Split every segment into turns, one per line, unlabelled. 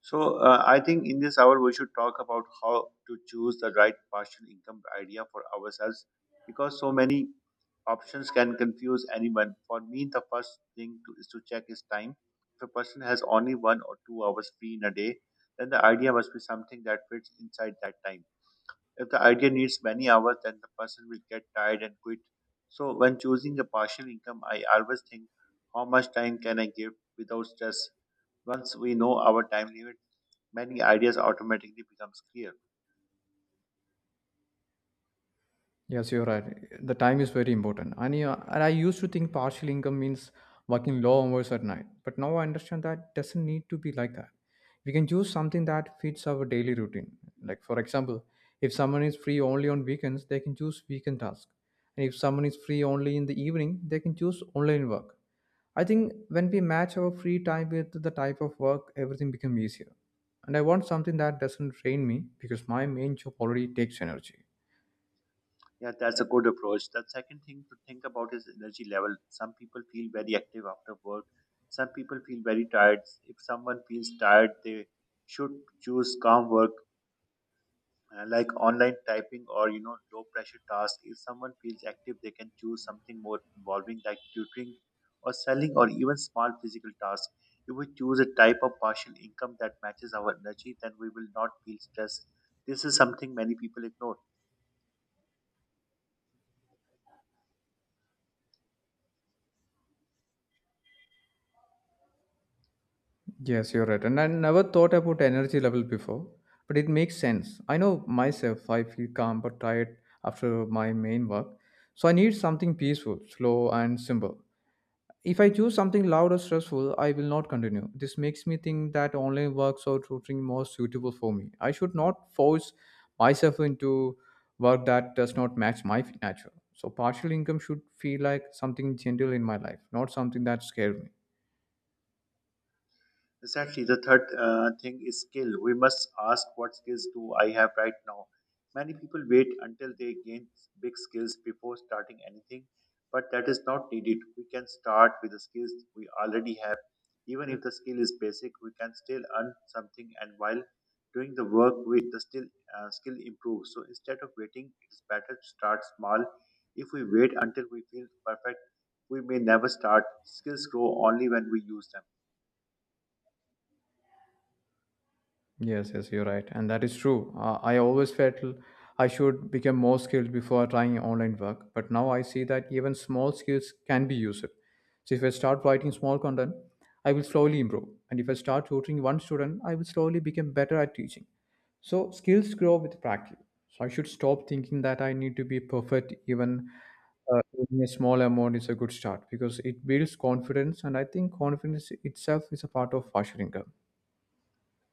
So I think in this hour we should talk about how to choose the right partial income idea for ourselves because so many options can confuse anyone. For me, the first thing is to check is time. If a person has only one or two hours free in a day, then the idea must be something that fits inside that time. If the idea needs many hours, then the person will get tired and quit. So when choosing a partial income, I always think how much time can I give without stress. Once we know our time limit, many ideas automatically becomes clear.
Yes, you're right. The time is very important. And, yeah, and I used to think partial income means working long hours at night. But now I understand that doesn't need to be like that. We can choose something that fits our daily routine. Like, for example, if someone is free only on weekends, they can choose weekend tasks. And if someone is free only in the evening, they can choose online work. I think when we match our free time with the type of work, everything becomes easier. And I want something that doesn't drain me because my main job already takes energy.
Yeah, that's a good approach. The second thing to think about is energy level. Some people feel very active after work. Some people feel very tired. If someone feels tired, they should choose calm work like online typing or you know low pressure tasks. If someone feels active, they can choose something more involving like tutoring or selling or even small physical tasks. If we choose a type of partial income that matches our energy, then we will not feel stressed. This is something many people ignore.
Yes, you're right. And I never thought about energy level before, but it makes sense. I know myself, I feel calm but tired after my main work. So I need something peaceful, slow, and simple. If I choose something loud or stressful, I will not continue. This makes me think that online works or tutoring more suitable for me. I should not force myself into work that does not match my nature. So partial income should feel like something gentle in my life, not something that scares me.
Exactly. The third thing is skill. We must ask, what skills do I have right now? Many people wait until they gain big skills before starting anything, but that is not needed. We can start with the skills we already have. Even if the skill is basic, we can still earn something, and while doing the work, we the still skill improves. So instead of waiting, it is better to start small. If we wait until we feel perfect, we may never start. Skills grow only when we use them.
Yes, yes, you're right, and that is true. I always I should become more skilled before trying online work, but now I see that even small skills can be used. So if I start writing small content, I will slowly improve, and if I start tutoring one student, I will slowly become better at teaching. So skills grow with practice. So I should stop thinking that I need to be perfect. Even a small amount is a good start because it builds confidence, and I think confidence itself is a part of future income.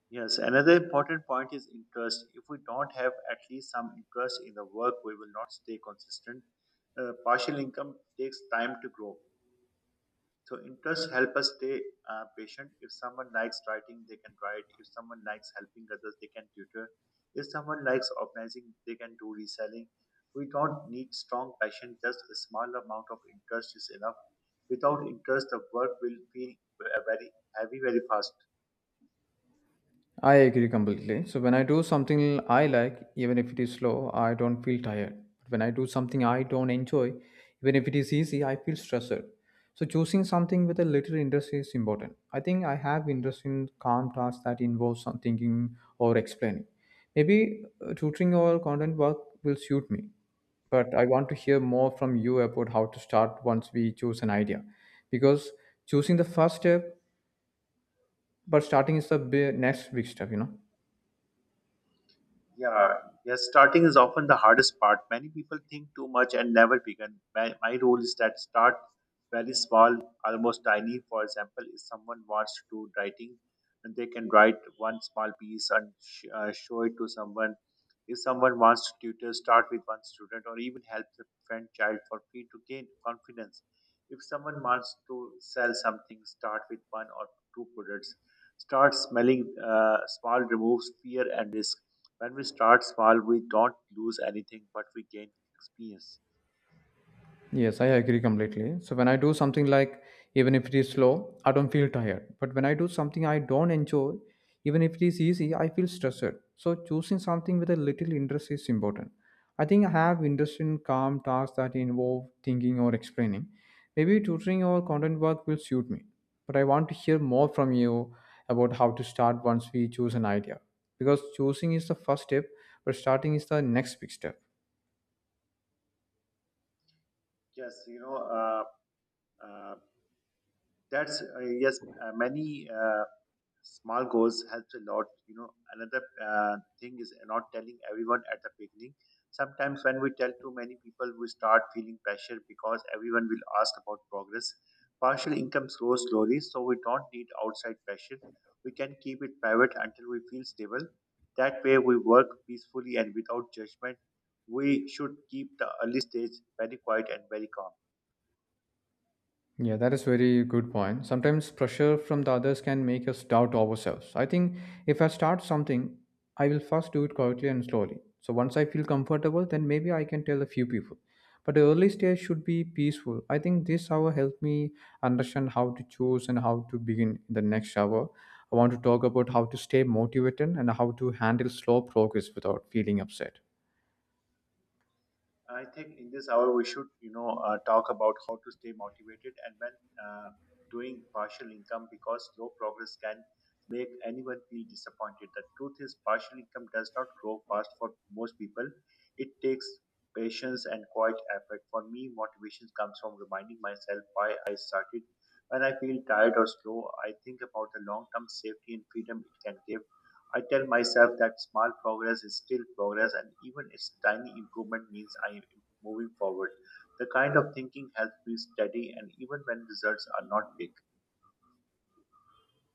Yes, another important point is interest. If we don't have at least some interest in the work, we will not stay consistent. Partial income takes time to grow. So interest help us stay patient. If someone likes writing, they can write. If someone likes helping others, they can tutor. If someone likes organizing, they can do reselling. We don't need strong passion. Just a small amount of interest is enough. Without interest, the work will feel very heavy very fast.
I agree completely. So when I do something I like, even if it is slow, I don't feel tired. But when I do something I don't enjoy, even if it is easy, I feel stressed. So choosing something with a little interest is important. I think I have interest in calm tasks that involve some thinking or explaining. Maybe tutoring or content work will suit me. But I want to hear more from you about how to start once we choose an idea. Because choosing the first step, but starting is the next big step.
Yeah, yes, starting is often the hardest part. Many people think too much and never begin. My rule is that start very small, almost tiny. For example, if someone wants to do writing, and they can write one small piece and show it to someone. If someone wants to tutor, start with one student or even help the friend child for free to gain confidence. If someone wants to sell something, start with one or two products. Start smelling small removes fear and risk. When we start small, we don't lose anything, but we gain experience.
Yes, I agree completely. So when I do something like even if it is slow, I don't feel tired. But when I do something I don't enjoy, even if it is easy, I feel stressed. So choosing something with a little interest is important. I think I have interest in calm tasks that involve thinking or explaining. Maybe tutoring or content work will suit me. But I want to hear more from you about how to start once we choose an idea. Because choosing is the first step, but starting is the next big step.
Yes, you know, uh, that's yes, many. Small goals helps a lot, you know. Another thing is not telling everyone at the beginning. Sometimes when we tell too many people, we start feeling pressure because everyone will ask about progress. Partial income grows slowly, so we don't need outside pressure. We can keep it private until we feel stable. That way we work peacefully and without judgment. We should keep the early stage very quiet and very calm.
Yeah, that is very good point. Sometimes pressure from the others can make us doubt ourselves. I think if I start something, I will first do it quietly and slowly. So once I feel comfortable, then maybe I can tell a few people. But the early stage should be peaceful. I think this hour helped me understand how to choose and how to begin the next hour. I want to talk about how to stay motivated and how to handle slow progress without feeling upset.
I think in this hour we should, talk about how to stay motivated and when uh, doing partial income, because low progress can make anyone feel disappointed. The truth is, partial income does not grow fast for most people. It takes patience and quiet effort. For me, motivation comes from reminding myself why I started. When I feel tired or slow, I think about the long-term safety and freedom it can give. I tell myself that small progress is still progress, and even its tiny improvement means I am moving forward. The kind of thinking helps me steady, and even when results are not big.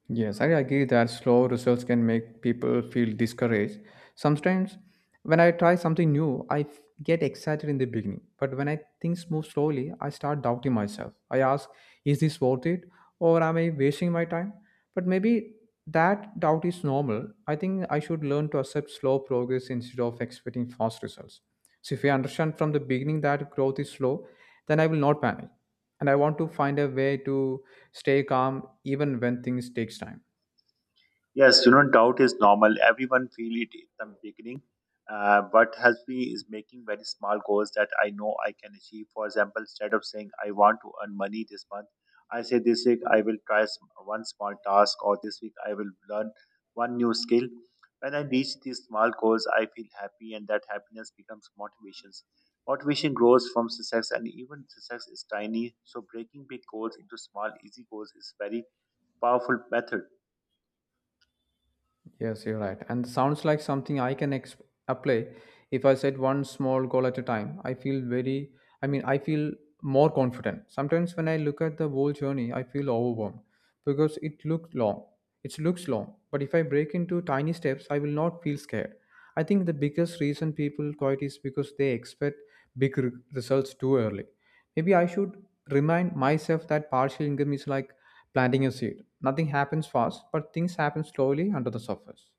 Yes, I agree that slow results can make people feel discouraged. Sometimes, when I try something new, get excited in the beginning. But when I things move slowly, I start doubting myself. I ask, is this worth it? Or am I wasting my time? But maybe that doubt is normal. I think I should learn to accept slow progress instead of expecting fast results. So, if I understand from the beginning that growth is slow, then I will not panic, and I want to find a way to stay calm even when things takes time.
Yes, you know, doubt is normal. Everyone feel it in the beginning. What helps me is making very small goals that I know I can achieve. For example, instead of saying I want to earn money this month, I say this week I will try one small task, or this week I will learn one new skill. When I reach these small goals, I feel happy, and that happiness becomes motivations. Motivation grows from success, and even success is tiny. So breaking big goals into small, easy goals is very powerful method.
Yes, you're right, and sounds like something apply. If I set one small goal at a time, I feel very, I feel more confident. Sometimes when I look at the whole journey, I feel overwhelmed because it looks long, but if I break into tiny steps I will not feel scared. I think the biggest reason people quit is because they expect big re- results too early. Maybe I should remind myself that partial income is like planting a seed. Nothing happens fast, but things happen slowly under the surface.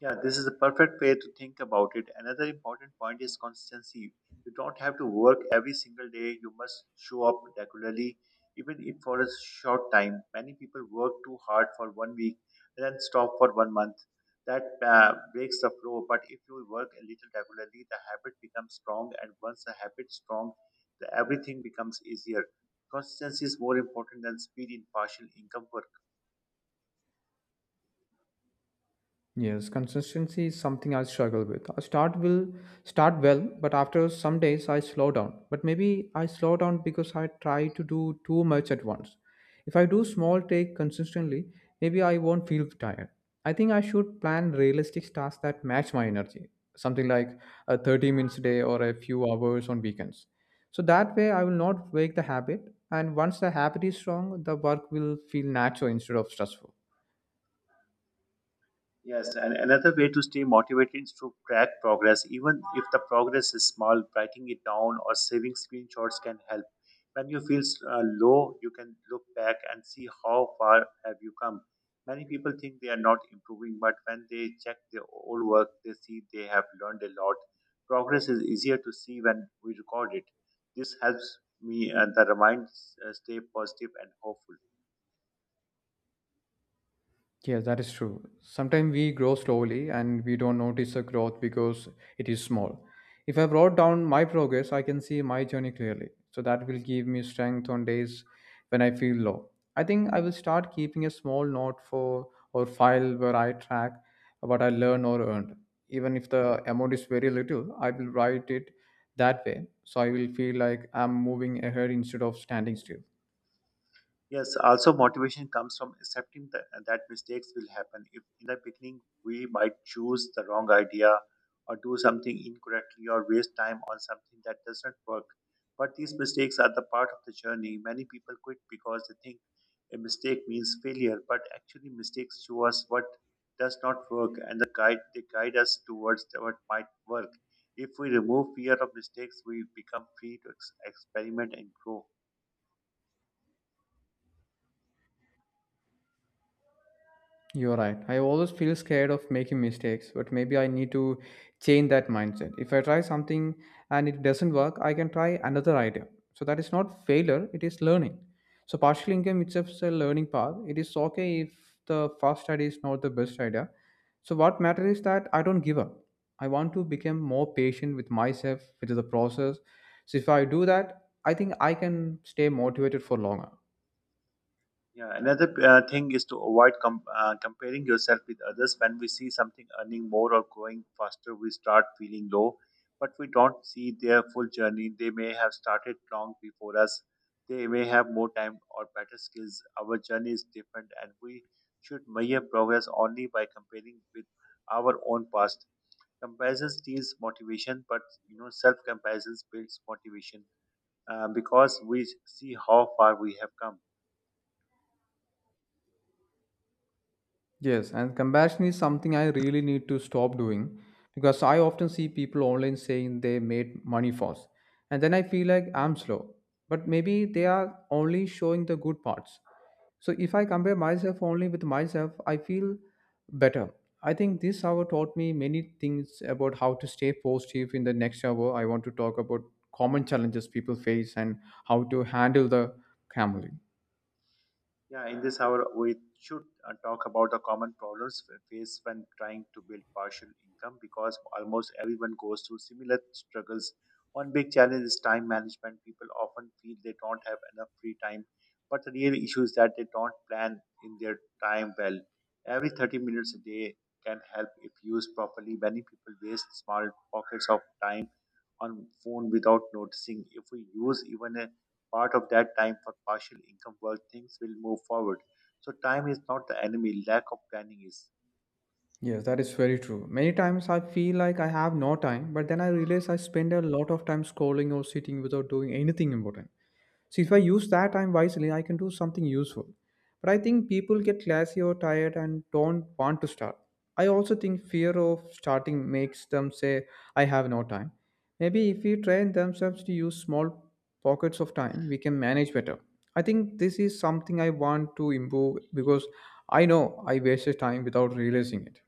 Yeah, this is a perfect way to think about it. Another important point is consistency. You don't have to work every single day. You must show up regularly, even if for a short time. Many people work too hard for one week and then stop for one month. That breaks the flow. But if you work a little regularly, the habit becomes strong. And once the habit is strong, everything becomes easier. Consistency is more important than speed in partial income work.
Yes, consistency is something I struggle with. I start will start well, but after some days I slow down. But maybe I slow down because I try to do too much at once. If I do small take consistently, maybe I won't feel tired. I think I should plan realistic tasks that match my energy, something like a 30 minutes a day or a few hours on weekends. So that way I will not break the habit, and once the habit is strong, the work will feel natural instead of stressful.
Yes, and another way to stay motivated is to track progress. Even if the progress is small, writing it down or saving screenshots can help. When you feel low, you can look back and see how far have you come. Many people think they are not improving, but when they check their old work, they see they have learned a lot. Progress is easier to see when we record it. This helps me and the remind stay positive and hopeful.
Yeah, that is true. Sometimes we grow slowly and we don't notice the growth because it is small. If I wrote down my progress, I can see my journey clearly. So that will give me strength on days when I feel low. I think I will start keeping a small note for or file where I track what I learn or earned. Even if the amount is very little, I will write it that way. So I will feel like I'm moving ahead instead of standing still.
Yes, also motivation comes from accepting that mistakes will happen. If in the beginning we might choose the wrong idea or do something incorrectly or waste time on something that does not work. But these mistakes are the part of the journey. Many people quit because they think a mistake means failure, but actually mistakes show us what does not work and the guide they guide us towards what might work. If we remove fear of mistakes, we become free to experiment and grow.
You're right. I always feel scared of making mistakes, but maybe I need to change that mindset. If I try something and it doesn't work, I can try another idea. So that is not failure, it is learning. So partial income itself is a learning path. It is okay if the first idea is not the best idea. So what matters is that I don't give up. I want to become more patient with myself, with the process. So if I do that, I think I can stay motivated for longer.
Yeah, another thing is to avoid comparing yourself with others. When we see something earning more or growing faster, we start feeling low, but we don't see their full journey. They may have started long before us, they may have more time or better skills. Our journey is different, and we should measure progress only by comparing with our own past. Comparison steals motivation, but you know, self comparison builds motivation because we see how far we have come.
Yes, and comparison is something I really need to stop doing because I often see people online saying they made money fast, and then I feel like I'm slow. But maybe they are only showing the good parts. So if I compare myself only with myself, I feel better. I think this hour taught me many things about how to stay positive in the next hour. I want to talk about common challenges people face and how to handle the family.
Yeah, in this hour, we should talk about the common problems we face when trying to build partial income because almost everyone goes through similar struggles. One big challenge is time management. People often feel they don't have enough free time, but the real issue is that they don't plan in their time well. Every 30 minutes a day can help if used properly. Many people waste small pockets of time on phone without noticing. If we use even a part of that time for partial income work, things will move forward. So time is not the enemy, lack of planning is.
Yes, that is very true. Many times I feel like I have no time, but then I realize I spend a lot of time scrolling or sitting without doing anything important. So if I use that time wisely, I can do something useful. But I think people get lazy or tired and don't want to start. I also think fear of starting makes them say, I have no time. Maybe if we train themselves to use small pockets of time, we can manage better. I think this is something I want to improve because I know I wasted time without realizing it.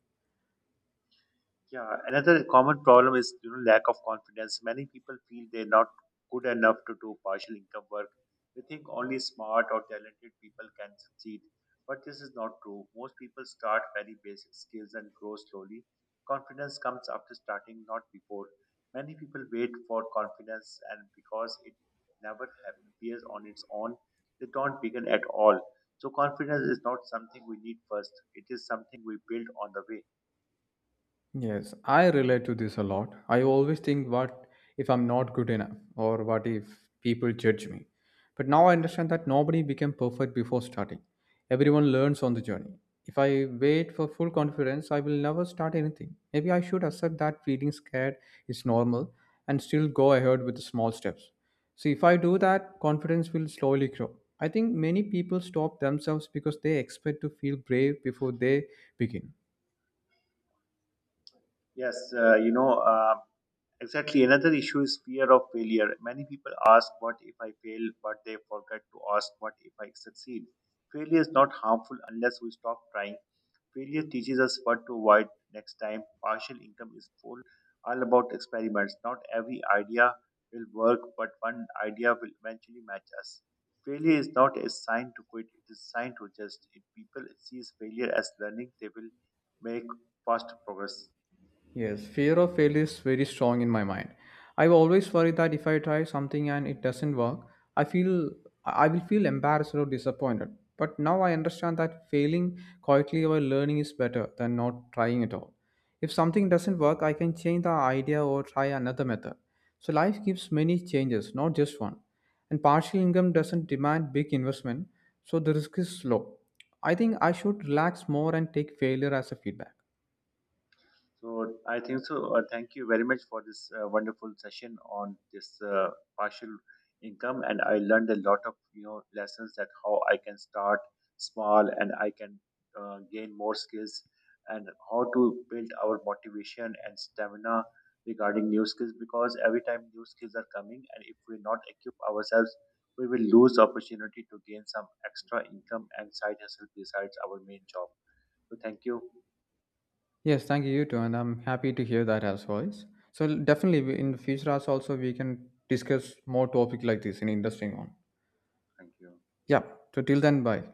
Yeah, another common problem is you know lack of confidence. Many people feel they're not good enough to do partial income work. They think only smart or talented people can succeed, but this is not true. Most people start very basic skills and grow slowly. Confidence comes after starting, not before. Many people wait for confidence, and because it never appears on its own, they don't begin at all. So confidence is not something we need first. It is something we build on the way.
Yes, I relate to this a lot. I always think, what if I'm not good enough, or what if people judge me? But now I understand that nobody became perfect before starting. Everyone learns on the journey. If I wait for full confidence, I will never start anything. Maybe I should accept that feeling scared is normal and still go ahead with the small steps. See, if I do that, confidence will slowly grow. I think many people stop themselves because they expect to feel brave before they begin.
Yes, exactly. Another issue is fear of failure. Many people ask, what if I fail? But they forget to ask, what if I succeed? Failure is not harmful unless we stop trying. Failure teaches us what to avoid next time. Partial income is full, all about experiments. Not every idea will work, but one idea will eventually match us. Failure is not a sign to quit, it is a sign to adjust. If people sees failure as learning, they will make faster progress.
Yes, fear of failure is very strong in my mind. I always worry that if I try something and it doesn't work, I feel I will feel embarrassed or disappointed. But now I understand that failing quietly while learning is better than not trying at all. If something doesn't work, I can change the idea or try another method. So life gives many changes, not just one. And partial income doesn't demand big investment, so the risk is low. I think I should relax more and take failure as a feedback.
So I think so. Thank you very much for this wonderful session on this partial income, and I learned a lot of you know lessons that how I can start small and I can gain more skills, and how to build our motivation and stamina regarding new skills because every time new skills are coming, and if we not equip ourselves, we will lose opportunity to gain some extra income and side hustle besides our main job. So thank you,
Yes, thank you, you too, and I'm happy to hear that as well. So definitely in the future as also we can discuss more topic like this in interesting one.
thank you.
Yeah. So till then, bye.